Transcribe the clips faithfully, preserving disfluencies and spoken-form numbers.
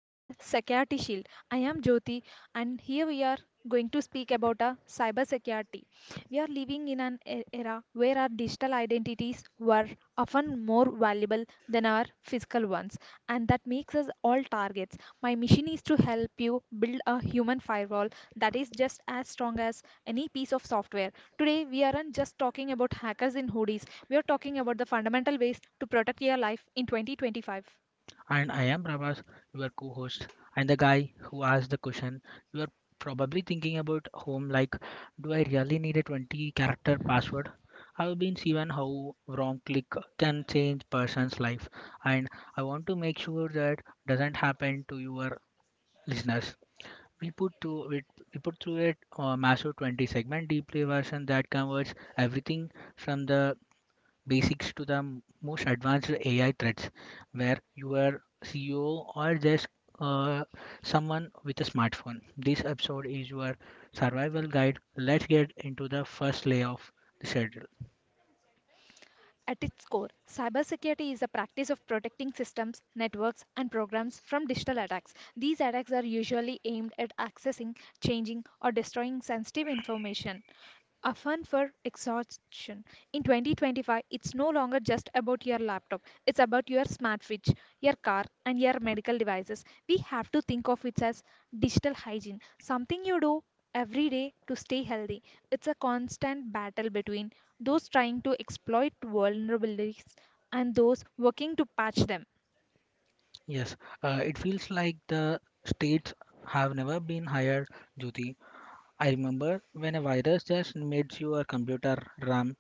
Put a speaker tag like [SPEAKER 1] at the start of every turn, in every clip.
[SPEAKER 1] on the security shield. I am Jyoti and here we are going to speak about a cyber security. We are living in an e- era where our digital identities were often more valuable than our physical ones, and that makes us all targets. My mission is to help you build a human firewall that is just as strong as any piece of software. Today, we aren't just talking about hackers in hoodies, we are talking about the fundamental ways to protect your life in twenty twenty-five.
[SPEAKER 2] And I am Prabhas, your co host, and the guy who asked the question. You are probably thinking about home like, do I really need a twenty character password? I've been seeing how wrong click can change person's life, and I want to make sure that doesn't happen to your listeners. We put to we, we put through it a massive twenty segment deep dive version that covers everything from the basics to the m- most advanced A I threats, where your C E O or just uh, someone with a smartphone. This episode is your survival guide. Let's get into the first layer of the schedule.
[SPEAKER 1] At its core, cybersecurity is the practice of protecting systems, networks, and programs from digital attacks. These attacks are usually aimed at accessing, changing, or destroying sensitive information often for exhaustion. In twenty twenty-five, it's no longer just about your laptop, it's about your smart fridge, your car, and your medical devices. We have to think of it as digital hygiene, something you do every day to stay healthy. It's a constant battle between those trying to exploit vulnerabilities and those working to patch them.
[SPEAKER 2] Yes, uh, it feels like the states have never been higher, Jyoti. I remember when a virus just made your computer RAM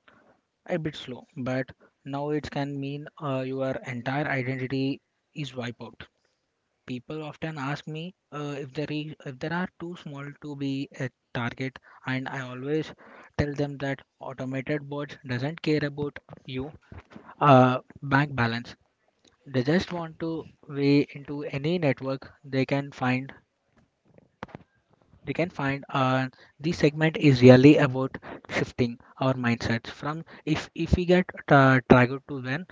[SPEAKER 2] a bit slow, but now it can mean uh, your entire identity is wiped out. People often ask me uh, if there is if there are too small to be a target, and I always tell them that automated bots doesn't care about you uh, bank balance. They just want to weigh into any network they can find. They can find. Uh, this segment is really about shifting our mindsets from if if we get uh, target to when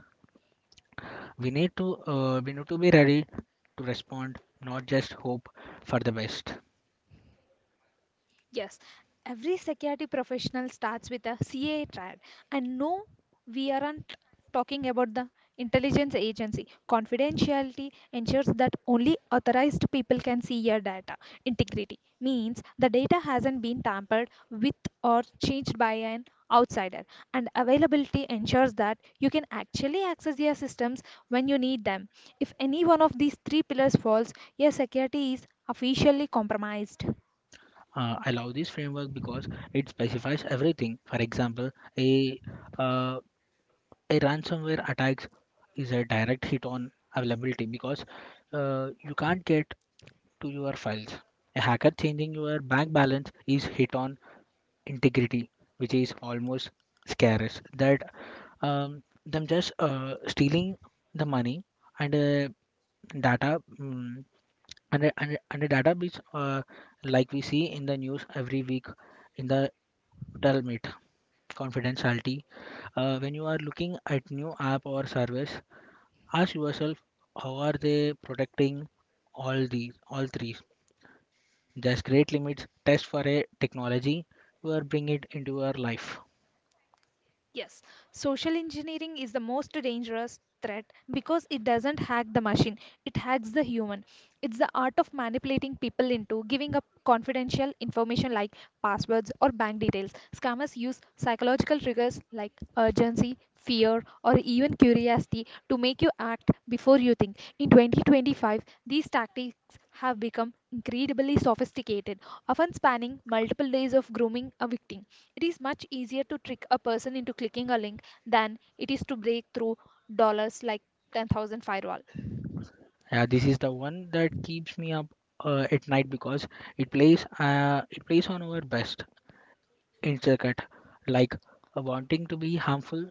[SPEAKER 2] we need to uh, we need to be ready to respond, not just hope for the best.
[SPEAKER 1] Yes, every security professional starts with a C A triad. And no, we aren't talking about the intelligence agency. Confidentiality ensures that only authorized people can see your data. Integrity means the data hasn't been tampered with or changed by an outsider. And availability ensures that you can actually access your systems when you need them. If any one of these three pillars falls, your security is officially compromised.
[SPEAKER 2] uh, I love this framework because it specifies everything. For example, a uh, a ransomware attack is a direct hit on availability because uh, you can't get to your files. A hacker changing your bank balance is hit on integrity, which is almost scarce. That um, them just uh, stealing the money and uh, data mm and a, and a, and a database uh, like we see in the news every week in the Tell me it, confidentiality. Uh, when you are looking at new app or service, ask yourself how are they protecting all these, all three. There's great limits. Test for a technology or bring it into your life.
[SPEAKER 1] Yes, social engineering is the most dangerous threat because it doesn't hack the machine, it hacks the human. It's the art of manipulating people into giving up confidential information like passwords or bank details. Scammers use psychological triggers like urgency, fear, or even curiosity to make you act before you think. In twenty twenty-five, these tactics have become incredibly sophisticated, often spanning multiple days of grooming a victim. It is much easier to trick a person into clicking a link than it is to break through dollars like ten thousand firewall.
[SPEAKER 2] Yeah, this is the one that keeps me up uh, at night because it plays uh, it plays on our best intricate like uh, wanting to be harmful.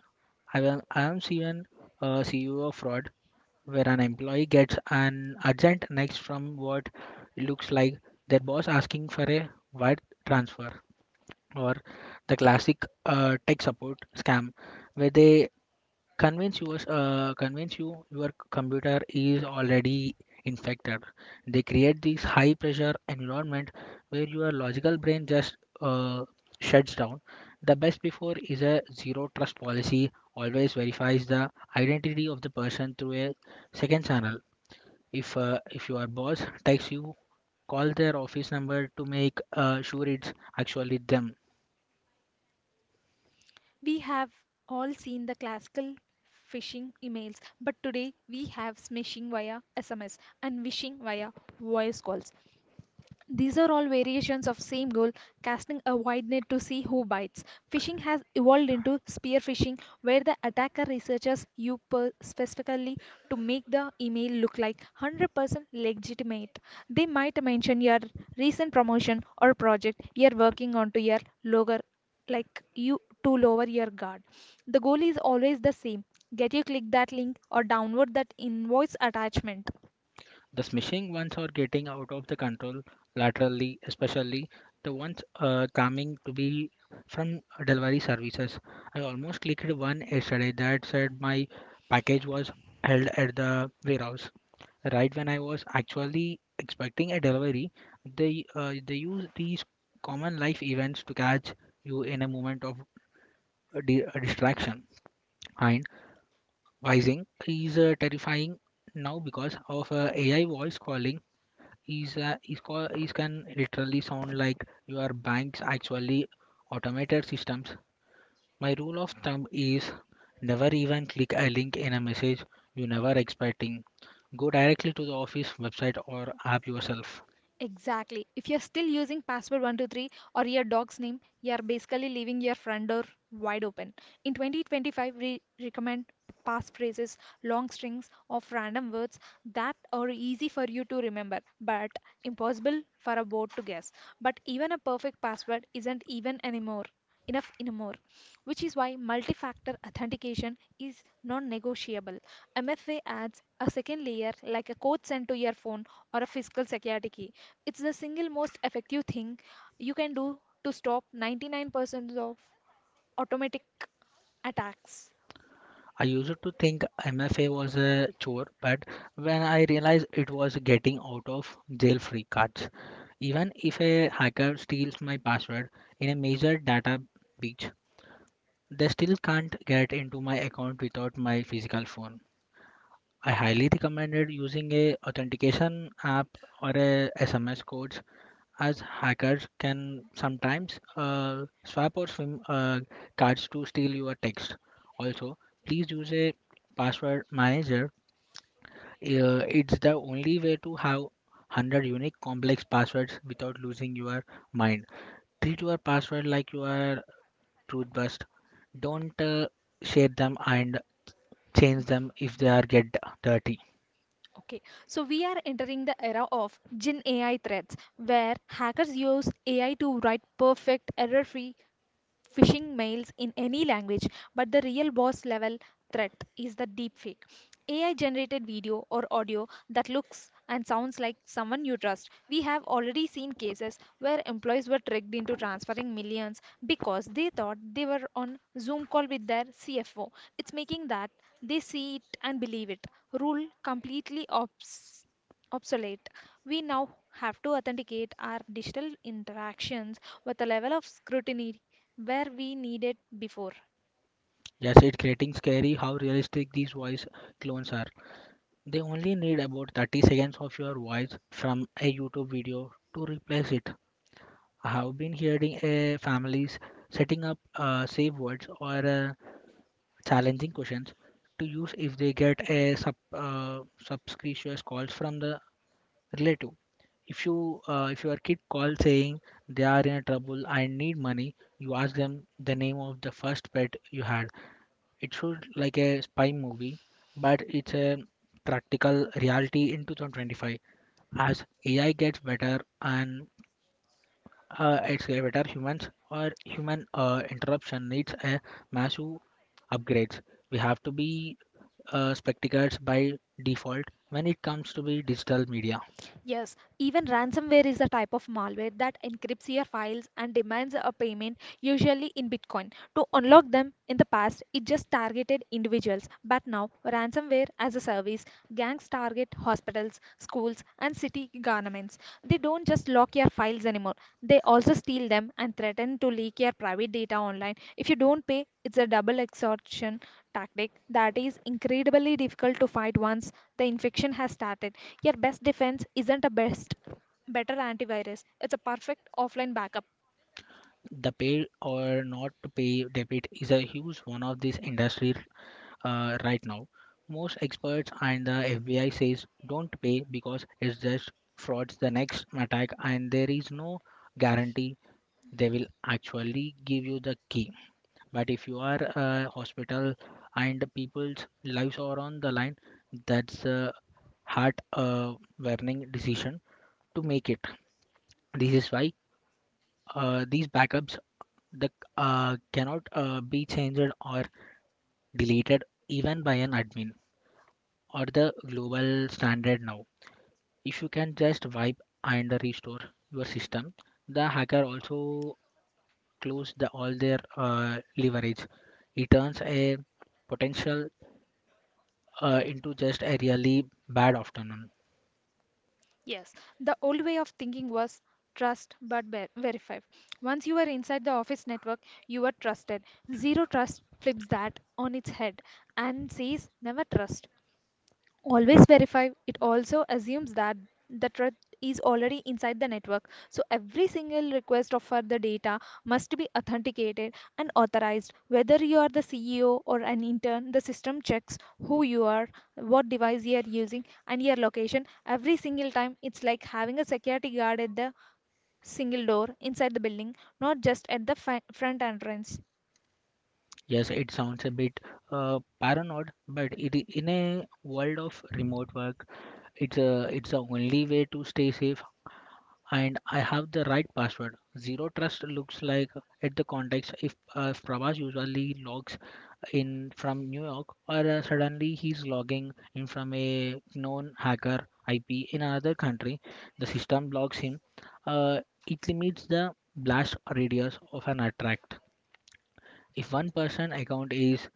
[SPEAKER 2] I am I am even uh, C E O of fraud where an employee gets an urgent next from what looks like their boss asking for a wire transfer, or the classic uh, tech support scam where they convince you uh, convince you your computer is already infected. They create this high pressure environment where your logical brain just uh, shuts down. The best before is a zero trust policy always verifies the identity of the person through a second channel if uh, if your boss texts you, call their office number to make uh, sure it's actually them.
[SPEAKER 1] We have all seen the classical phishing emails, but today we have smishing via S M S and wishing via voice calls. These are all variations of same goal, casting a wide net to see who bites. Fishing has evolved into spear fishing, where the attacker researches you per- specifically to make the email look like one hundred percent legitimate. They might mention your recent promotion or project you're working on to your lower like you to lower your guard. The goal is always the same. Get you click that link or download that invoice attachment.
[SPEAKER 2] The smishing ones are getting out of the control laterally, especially the ones uh, coming to be from delivery services. I almost clicked one yesterday that said my package was held at the warehouse. Right when I was actually expecting a delivery, they uh, they use these common life events to catch you in a moment of uh, di- distraction. And Vising is uh, terrifying now because of uh, A I voice calling. Is uh, is call is can literally sound like your bank's actually automated systems. My rule of thumb is never even click a link in a message you never expecting. Go directly to the office website or app yourself.
[SPEAKER 1] Exactly. If you're still using password one two three or your dog's name, you're basically leaving your front door wide open. In twenty twenty-five, we recommend passphrases, long strings of random words that are easy for you to remember, but impossible for a bot to guess. But even a perfect password isn't even anymore enough anymore, which is why multi-factor authentication is non-negotiable. M F A adds a second layer like a code sent to your phone or a physical security key. It's the single most effective thing you can do to stop ninety-nine percent of automatic attacks.
[SPEAKER 2] I used to think M F A was a chore, but when I realized it was getting out of jail free cards. Even if a hacker steals my password in a major data breach, they still can't get into my account without my physical phone. I highly recommended using a authentication app or a S M S codes as hackers can sometimes uh, swap or swim uh, cards to steal your text. Also, please use a password manager. Uh, it's the only way to have one hundred unique complex passwords without losing your mind. Treat your password like you are toothbrush, don't uh, share them and change them if they are get dirty.
[SPEAKER 1] Okay, so we are entering the era of Gen A I threats where hackers use A I to write perfect, error free phishing mails in any language, but the real boss level threat is the deepfake. A I generated video or audio that looks and sounds like someone you trust. We have already seen cases where employees were tricked into transferring millions because they thought they were on Zoom call with their C F O. It's making that they see it and believe it rule completely obsolete obsolete. We now have to authenticate our digital interactions with a level of scrutiny where we needed before.
[SPEAKER 2] Yes, it's getting scary how realistic these voice clones are. They only need about thirty seconds of your voice from a YouTube video to replace it. I have been hearing uh, families setting up uh, safe words or uh, challenging questions to use if they get a sub uh, subscription calls from the relative. If you uh, if your kid calls saying they are in trouble and need money, you ask them the name of the first pet you had. It should like a spy movie, but it's a practical reality in twenty twenty-five. As AI gets better and uh, it's a better humans or human uh, interruption needs a massive upgrades. We have to be uh, spectacles by default when it comes to be digital media.
[SPEAKER 1] Yes, even ransomware is a type of malware that encrypts your files and demands a payment, usually in Bitcoin. To unlock them in the past, it just targeted individuals, but now ransomware as a service, gangs target hospitals, schools, and city governments. They don't just lock your files anymore, they also steal them and threaten to leak your private data online if you don't pay it's a double exhaustion tactic that is incredibly difficult to fight once the infection has started. Your best defense isn't a best better antivirus. It's a perfect offline backup.
[SPEAKER 2] The pay or not to pay debate is a huge one of this industry uh, right now. Most experts and the F B I says don't pay because it's just frauds the next attack and there is no guarantee they will actually give you the key. But if you are a hospital and the people's lives are on the line, that's a heart uh, warning decision to make it. This is why uh, these backups that uh, cannot uh, be changed or deleted even by an admin or the global standard now. If you can just wipe and restore your system, the hacker also close the, all their uh, leverage. It turns a potential uh, into just a really bad afternoon.
[SPEAKER 1] Yes, the old way of thinking was trust but ver- verify. Once you are inside the office network, you are trusted. Zero trust flips that on its head and says never trust. Always verify it also assumes that the truth is already inside the network so every single request of for the data must be authenticated and authorized whether you are the ceo or an intern the system checks who you are what device you are using and your location every single time it's like having a security guard at the single door inside the building not just at the fi- front entrance.
[SPEAKER 2] Yes, it sounds a bit uh, paranoid, but it, in a world of remote work, it's a it's the only way to stay safe and I have the right password. Zero Trust looks like at the context if, uh, if Prabhas usually logs in from New York or uh, suddenly he's logging in from a known hacker I P in another country, the system blocks him. Uh, it limits the blast radius of an attack. If one person account is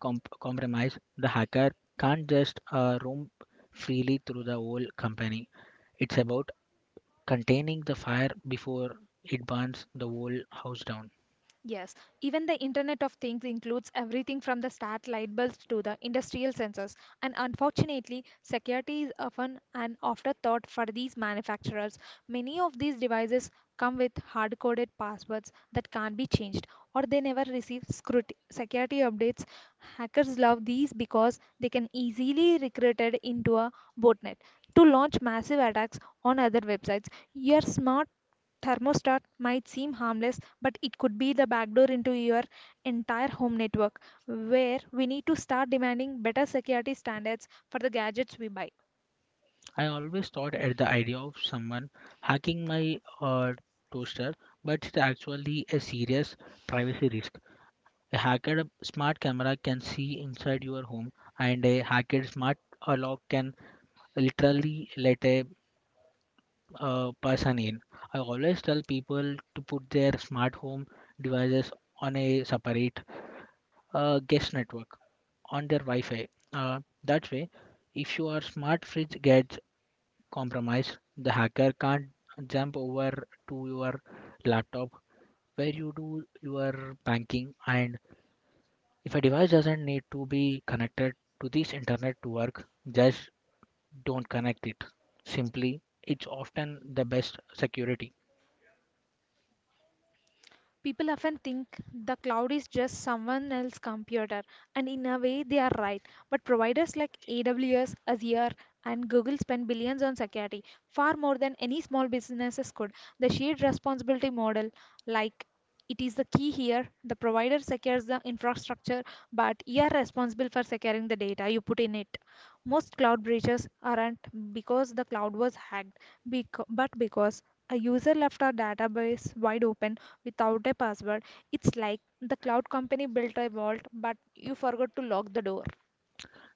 [SPEAKER 2] comp- compromised, the hacker can't just uh, roam freely through the whole company. It's about containing the fire before it burns the whole house down.
[SPEAKER 1] Yes, even the Internet of Things includes everything from the start light bulbs to the industrial sensors. And unfortunately, security is often an afterthought for these manufacturers. Many of these devices come with hard coded passwords that can't be changed, or they never receive scruti- security updates. Hackers love these because they can easily recruited into a botnet to launch massive attacks on other websites. Your smart thermostat might seem harmless, but it could be the backdoor into your entire home network, where we need to start demanding better security standards for the gadgets we buy.
[SPEAKER 2] I always thought at the idea of someone hacking my uh, toaster, but it's actually a serious privacy risk. A hacked smart camera can see inside your home, and a hacked smart uh, lock can literally let a uh, person in. I always tell people to put their smart home devices on a separate uh, guest network on their Wi-Fi. Uh, that way, if your smart fridge gets compromised, the hacker can't jump over to your laptop where you do your banking. And if a device doesn't need to be connected to this internet to work, just don't connect it. Simply, it's often the best security.
[SPEAKER 1] People often think the cloud is just someone else's computer, and in a way they are right. But providers like A W S, Azure, and Google spend billions on security, far more than any small businesses could. The shared responsibility model, like it is the key here. The provider secures the infrastructure, but you are responsible for securing the data you put in it. Most cloud breaches aren't because the cloud was hacked, bec- but because a user left our database wide open without a password. It's like the cloud company built a vault, but you forgot to lock the door.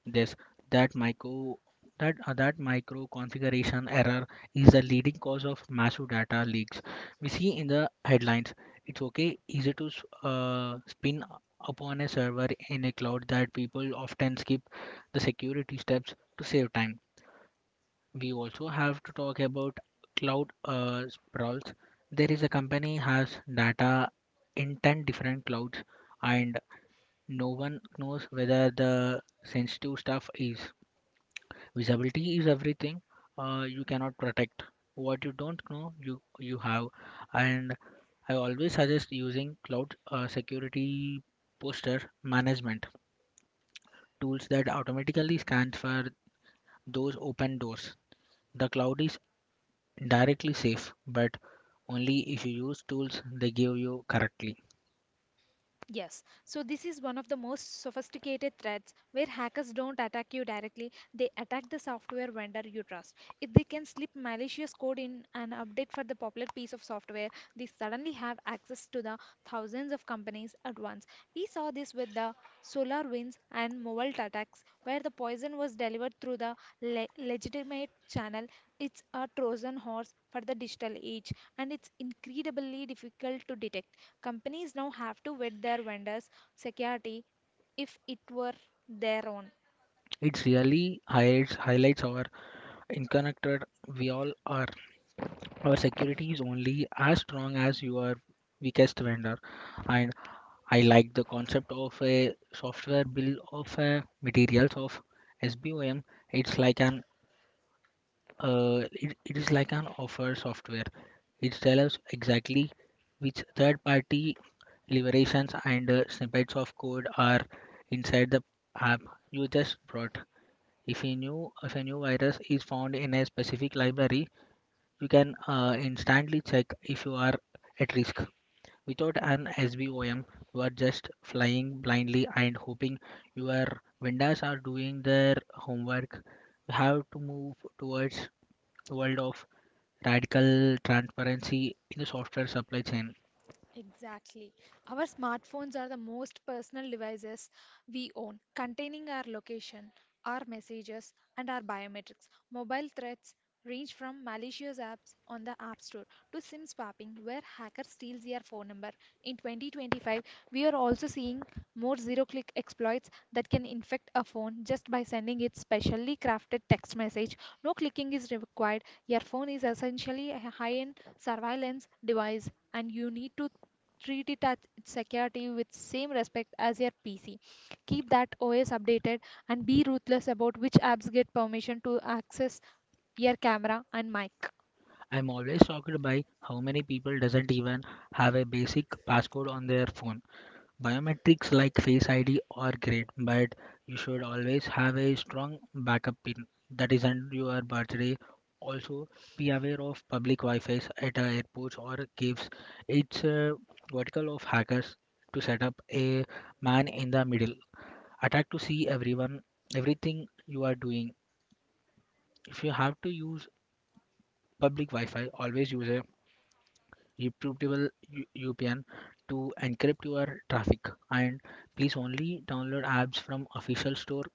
[SPEAKER 2] This that micro that uh, that micro configuration error is the leading cause of massive data leaks. We see in the headlines. It's okay easy to s- uh, spin upon a server in a cloud that people often skip the security steps to save time. We also have to talk about cloud uh, sprawls. There is a company has data in ten different clouds and no one knows whether the sensitive stuff is. Visibility is everything. Uh, you cannot protect what you don't know. You you have, and I always suggest using cloud uh, security posture management tools that automatically scans for those open doors. The cloud is directly safe, but only if you use tools they give you correctly.
[SPEAKER 1] Yes, so this is one of the most sophisticated threats where hackers don't attack you directly, they attack the software vendor you trust. If they can slip malicious code in an update for the popular piece of software, they suddenly have access to the thousands of companies at once. We saw this with the SolarWinds and Mobile attacks, where the poison was delivered through the le- legitimate channel. It's a Trojan horse for the digital age, and it's incredibly difficult to detect. Companies now have to vet their vendors' security if it were their own.
[SPEAKER 2] It really highlights highlights our interconnected we all are. Our security is only as strong as your weakest vendor, and I like the concept of a software bill of uh, materials of S B O M. It's like an uh, it, it is like an offer software. It tells us exactly which third-party liberations and uh, snippets of code are inside the app you just brought. If a new if a new virus is found in a specific library, you can uh, instantly check if you are at risk. Without an S B O M, you are just flying blindly and hoping your vendors are doing their homework. We have to move towards a world of radical transparency in the software supply chain.
[SPEAKER 1] Exactly. Our smartphones are the most personal devices we own, containing our location, our messages, and our biometrics. Mobile threats range from malicious apps on the App Store to SIM swapping, where hackers steals your phone number. In twenty twenty-five, we are also seeing more zero-click exploits that can infect a phone just by sending its specially crafted text message. No clicking is required. Your phone is essentially a high-end surveillance device, and you need to treat it as its security with same respect as your P C. Keep that O S updated and be ruthless about which apps get permission to access your camera and mic.
[SPEAKER 2] I'm always shocked by how many people doesn't even have a basic passcode on their phone. Biometrics like Face I D are great, but you should always have a strong backup pin that isn't your birthday. Also, be aware of public Wi-Fi at uh, airports or caves. It's a vertical of hackers to set up a man in the middle attack to see everyone, everything you are doing. If you have to use public Wi-Fi, always use a YouTube V P N to encrypt your traffic. And please only download apps from official store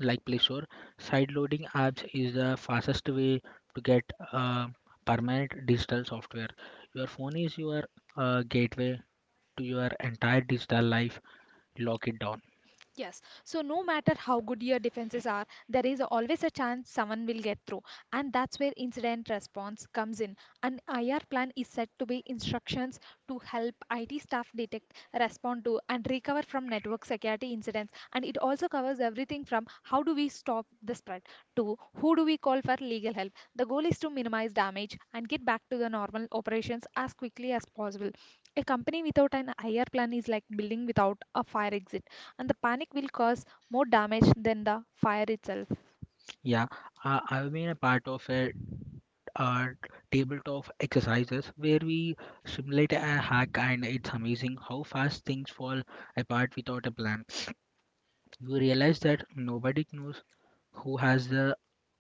[SPEAKER 2] like Play Store. Sideloading apps is the fastest way to get uh, permanent digital software. Your phone is your uh, gateway to your entire digital life. Lock it down.
[SPEAKER 1] Yes, so no matter how good your defenses are, there is always a chance someone will get through, and that's where incident response comes in. An I R plan is said to be instructions to help I T staff detect, respond to, and recover from network security incidents. And it also covers everything from how do we stop the spread to who do we call for legal help. The goal is to minimize damage and get back to the normal operations as quickly as possible. A company without an I R plan is like building without a fire exit and the panic will cause more damage than the fire itself.
[SPEAKER 2] Yeah, I, I've been a part of a uh, tabletop exercises where we simulate a hack, and it's amazing how fast things fall apart without a plan. You realize that nobody knows who has the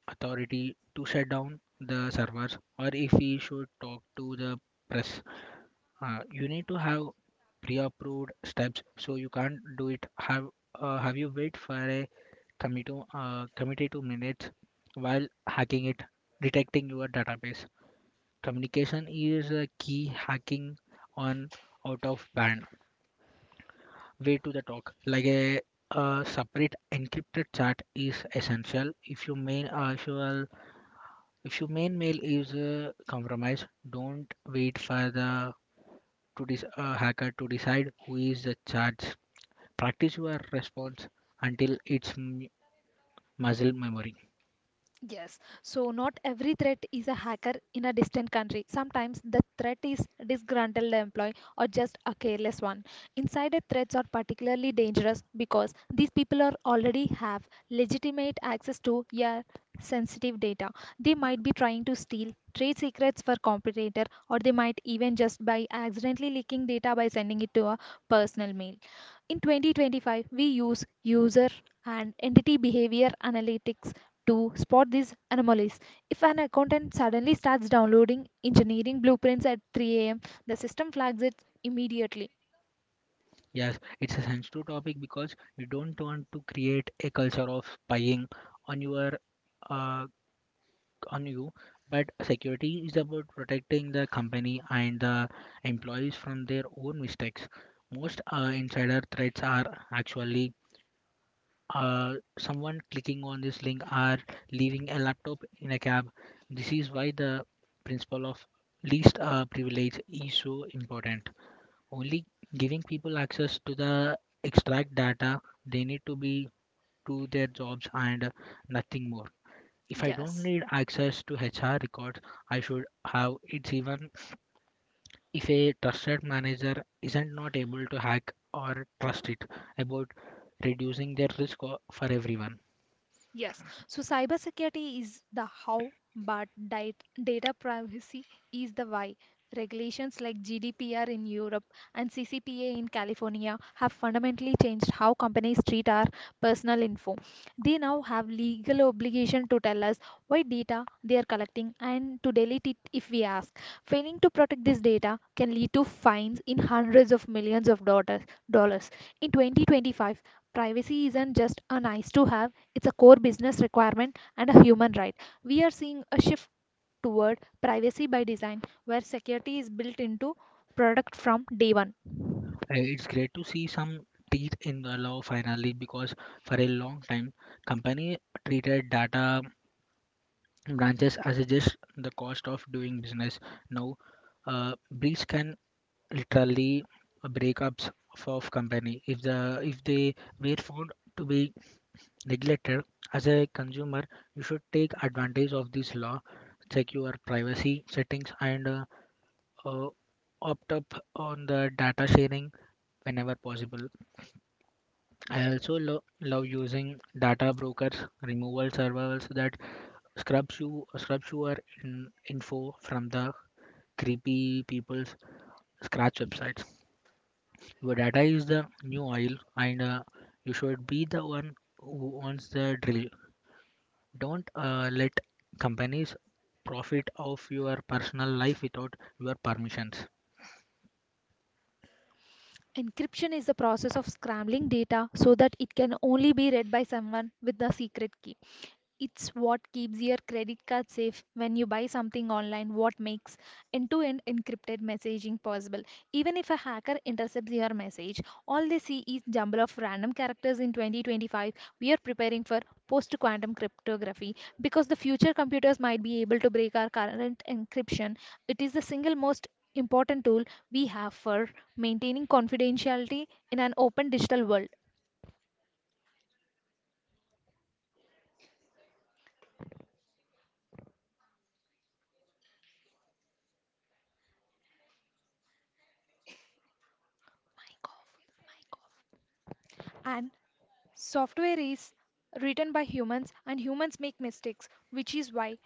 [SPEAKER 2] authority to shut down the servers or if we should talk to the press. Uh, you need to have pre-approved steps, so you can't do it. Have uh, have you wait for a committee to, uh, committee to minutes while hacking it, detecting your database? Communication is a key hacking on out of band way to the talk. Like a, a separate encrypted chat is essential. If your main uh, if your if your main mail is uh, compromised, don't wait for the to this uh, hacker to decide who is the charge. Practice your response until it's m- muscle memory.
[SPEAKER 1] Yes, so not every threat is a hacker in a distant country. Sometimes the threat is disgruntled employee or just a careless one. Insider threats are particularly dangerous because these people are already have legitimate access to your sensitive data. They might be trying to steal trade secrets for competitor or they might even just by accidentally leaking data by sending it to a personal mail. In twenty twenty-five, we use user and entity behavior analytics to spot these anomalies. If an accountant suddenly starts downloading engineering blueprints at three a m, the system flags it immediately.
[SPEAKER 2] Yes, it's a sensitive topic because you don't want to create a culture of spying on your uh, on you, but security is about protecting the company and the employees from their own mistakes. Most uh, insider threats are actually uh, someone clicking on this link or leaving a laptop in a cab. This is why the principle of least uh, privilege is so important, only giving people access to the extract data they need to be to their jobs and nothing more. If I don't
[SPEAKER 1] Yes.
[SPEAKER 2] need access to H R records, I should have it, even if a trusted manager isn't not able to hack or trust it, about reducing their risk o- for everyone.
[SPEAKER 1] Yes, so cybersecurity is the how, but dat- data privacy is the why. Regulations like G D P R in Europe and C C P A in California have fundamentally changed how companies treat our personal info. They now have legal obligation to tell us what data they are collecting and to delete it if we ask. Failing to protect this data can lead to fines in hundreds of millions of dollars. dollars. In twenty twenty-five, privacy isn't just a nice to have, it's a core business requirement and a human right. We are seeing a shift toward privacy by design, where security is built into product from day one.
[SPEAKER 2] Uh, It's great to see some teeth in the law finally, because for a long time company treated data branches as a just the cost of doing business. Now uh, breach can literally breakups of company if the if they were found to be neglected. As a consumer, you should take advantage of this law, check your privacy settings, and uh, uh, opt up on the data sharing whenever possible. I also lo- love using data brokers, removal servers that scrubs you scrubs your in- info from the creepy people's scratch websites. Your data is the new oil, and uh, you should be the one who owns the drill. Don't uh, let companies profit of your personal life without your permissions.
[SPEAKER 1] Encryption is the process of scrambling data so that it can only be read by someone with the secret key. It's what keeps your credit card safe when you buy something online, what makes end to end encrypted messaging possible. Even if a hacker intercepts your message, all they see is jumble of random characters. In twenty twenty-five, we are preparing for post quantum cryptography, because the future computers might be able to break our current encryption. It is the single most important tool we have for maintaining confidentiality in an open digital world. Mic off, mic off. And Software is written by humans, and humans make mistakes, which is why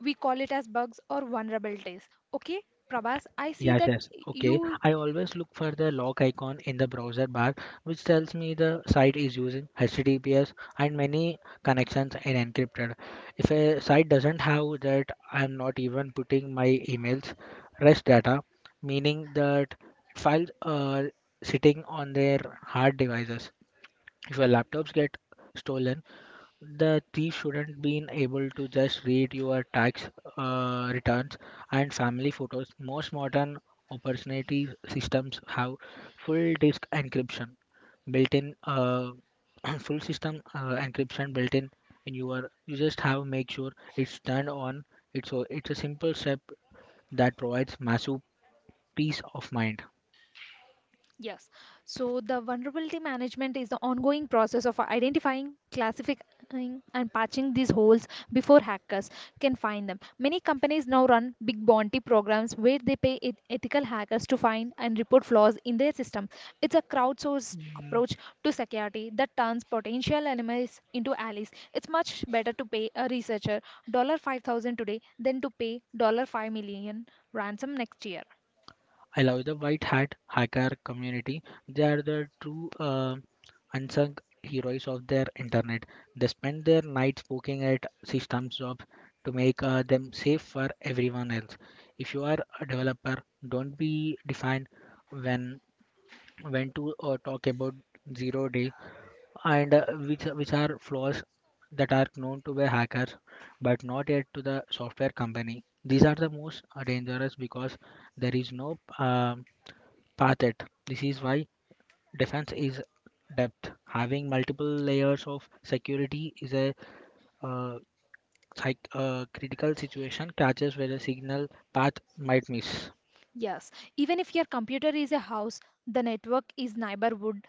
[SPEAKER 1] we call it as bugs or vulnerabilities. Okay, Prabhas, I see
[SPEAKER 2] Yes,
[SPEAKER 1] that
[SPEAKER 2] yes. Okay.
[SPEAKER 1] you.
[SPEAKER 2] I always look for the lock icon in the browser bar, which tells me the site is using H T T P S and many connections are encrypted. If a site doesn't have that, I'm not even putting my emails, rest data, meaning that files are sitting on their hard devices. If your laptops get stolen, the thief shouldn't be able to just read your tax uh, returns and family photos. Most modern opportunity systems have full disk encryption built-in, uh, full system uh, encryption built-in in in your. You just have make sure it's turned on. It's a, it's a simple step that provides massive peace of mind.
[SPEAKER 1] Yes. So the vulnerability management is the ongoing process of identifying, classifying, and patching these holes before hackers can find them. Many companies now run big bounty programs where they pay eth- ethical hackers to find and report flaws in their system. It's a crowdsourced
[SPEAKER 2] Mm,
[SPEAKER 1] approach to security that turns potential enemies into allies. It's much better to pay a researcher five thousand dollars today than to pay five million dollars ransom next year.
[SPEAKER 2] I love the white hat hacker community. They are the true uh, unsung heroes of their internet. They spend their nights poking at systems jobs to make uh, them safe for everyone else. If you are a developer, don't be defined when when to uh, talk about zero day and uh, which which are flaws that are known to be hackers but not yet to the software company. These are the most uh, dangerous because there is no um path yet. This is why defense is depth. Having multiple layers of security is a uh, psych- uh, critical situation catches where a signal path might miss.
[SPEAKER 1] Yes, even if your computer is a house, the network is neighborhood.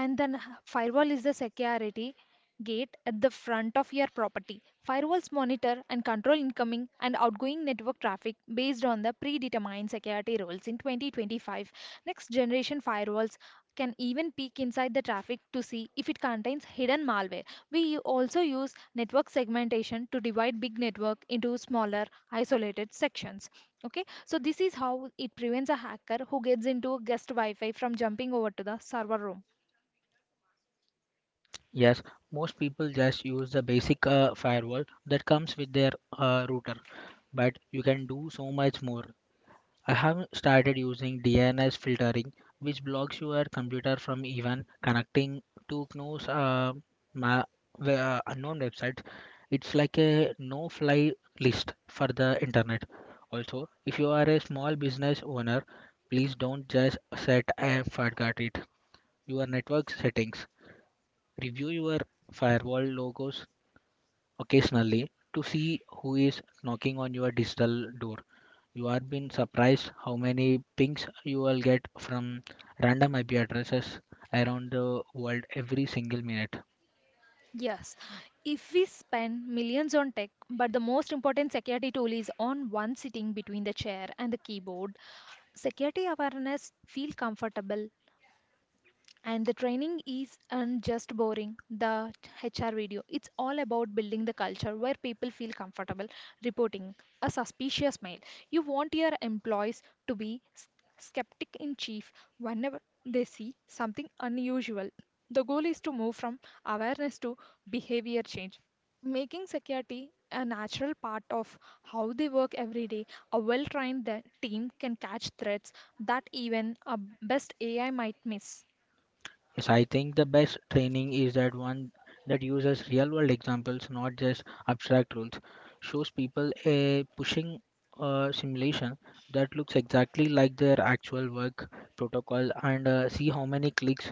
[SPEAKER 1] And then h- firewall is the security gate at the front of your property. Firewalls monitor and control incoming and outgoing network traffic based on the predetermined security rules. In twenty twenty-five, next generation firewalls can even peek inside the traffic to see if it contains hidden malware. We also use network segmentation to divide big network into smaller isolated sections. Okay, so this is how it prevents a hacker who gets into guest Wi-Fi from jumping over to the server room.
[SPEAKER 2] Yes, most people just use the basic uh, firewall that comes with their uh, router, but you can do so much more. I have started using D N S filtering, which blocks your computer from even connecting to knows uh, ma- we- uh, unknown websites. It's like a no-fly list for the internet. Also, if you are a small business owner, please don't just set a forgot it. Your network settings. Review your firewall logos occasionally to see who is knocking on your digital door. You are been surprised how many pings you will get from random I P addresses around the world every single minute.
[SPEAKER 1] Yes, if we spend millions on tech, but the most important security tool is on one sitting between the chair and the keyboard. Security awareness feel comfortable, and the training is and just boring the hr video. It's all about building the culture where people feel comfortable reporting a suspicious mail. You want your employees to be s- skeptic in chief whenever they see something unusual. The goal is to move from awareness to behavior change, making security a natural part of how they work every day. A well trained team can catch threats that even a best ai might miss.
[SPEAKER 2] Yes, I think the best training is that one that uses real world examples, not just abstract rules. Shows people a pushing uh, simulation that looks exactly like their actual work protocol and uh, see how many clicks.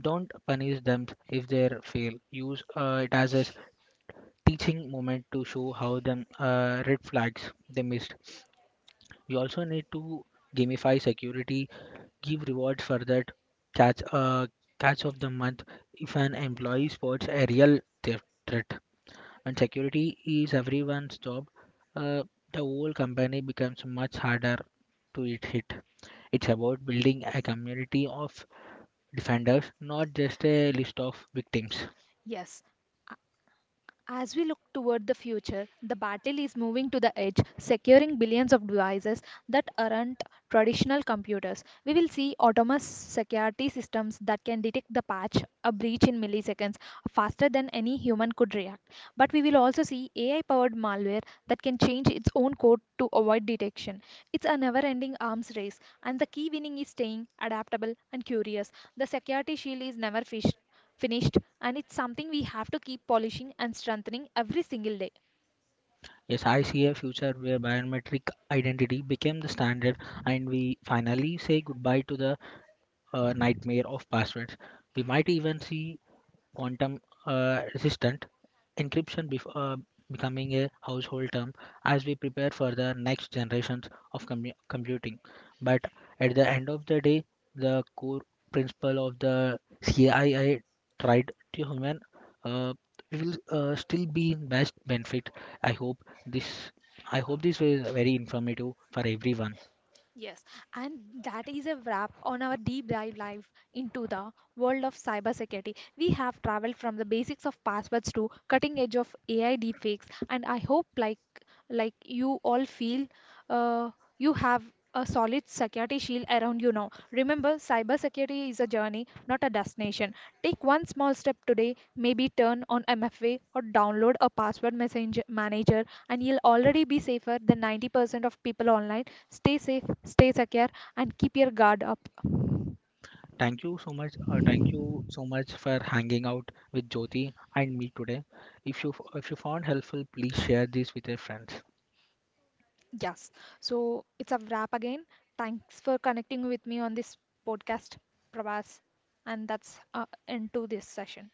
[SPEAKER 2] Don't punish them if they fail. Use uh, it as a teaching moment to show how them uh, red flags they missed. We also need to gamify security, give rewards for that catch uh, catch of the month if an employee spots a real theft threat. When security is everyone's job, Uh, the whole company becomes much harder to it hit. It's about building a community of defenders, not just a list of victims.
[SPEAKER 1] Yes. A- As we look toward the future, the battle is moving to the edge, securing billions of devices that aren't traditional computers. We will see autonomous security systems that can detect the patch, a breach in milliseconds, faster than any human could react. But we will also see A I powered malware that can change its own code to avoid detection. It's a never ending arms race, and the key winning is staying adaptable and curious. The security shield is never finished finished, and it's something we have to keep polishing and strengthening every single day.
[SPEAKER 2] Yes, I see a future where biometric identity became the standard and we finally say goodbye to the uh, nightmare of passwords. We might even see quantum uh, resistant encryption bef- uh, becoming a household term as we prepare for the next generations of commu- computing, but at the end of the day, the core principle of the cii tried to human uh, will uh, still be best benefit. I hope this i hope this was very informative for everyone.
[SPEAKER 1] Yes, and that is a wrap on our deep dive live into the world of cybersecurity. We have traveled from the basics of passwords to cutting edge of A I deepfakes, and I hope like like you all feel, uh, you have a solid security shield around you now. Remember, cybersecurity is a journey, not a destination. Take one small step today, maybe turn on M F A or download a password messenger manager, and you'll already be safer than ninety percent of people online. Stay safe, stay secure, and keep your guard up.
[SPEAKER 2] Thank you so much. Uh, thank you so much for hanging out with Jyoti and me today. If you f- if you found helpful, please share this with your friends.
[SPEAKER 1] Yes. So it's a wrap again. Thanks for connecting with me on this podcast, Prabhas. And that's uh, end to this session.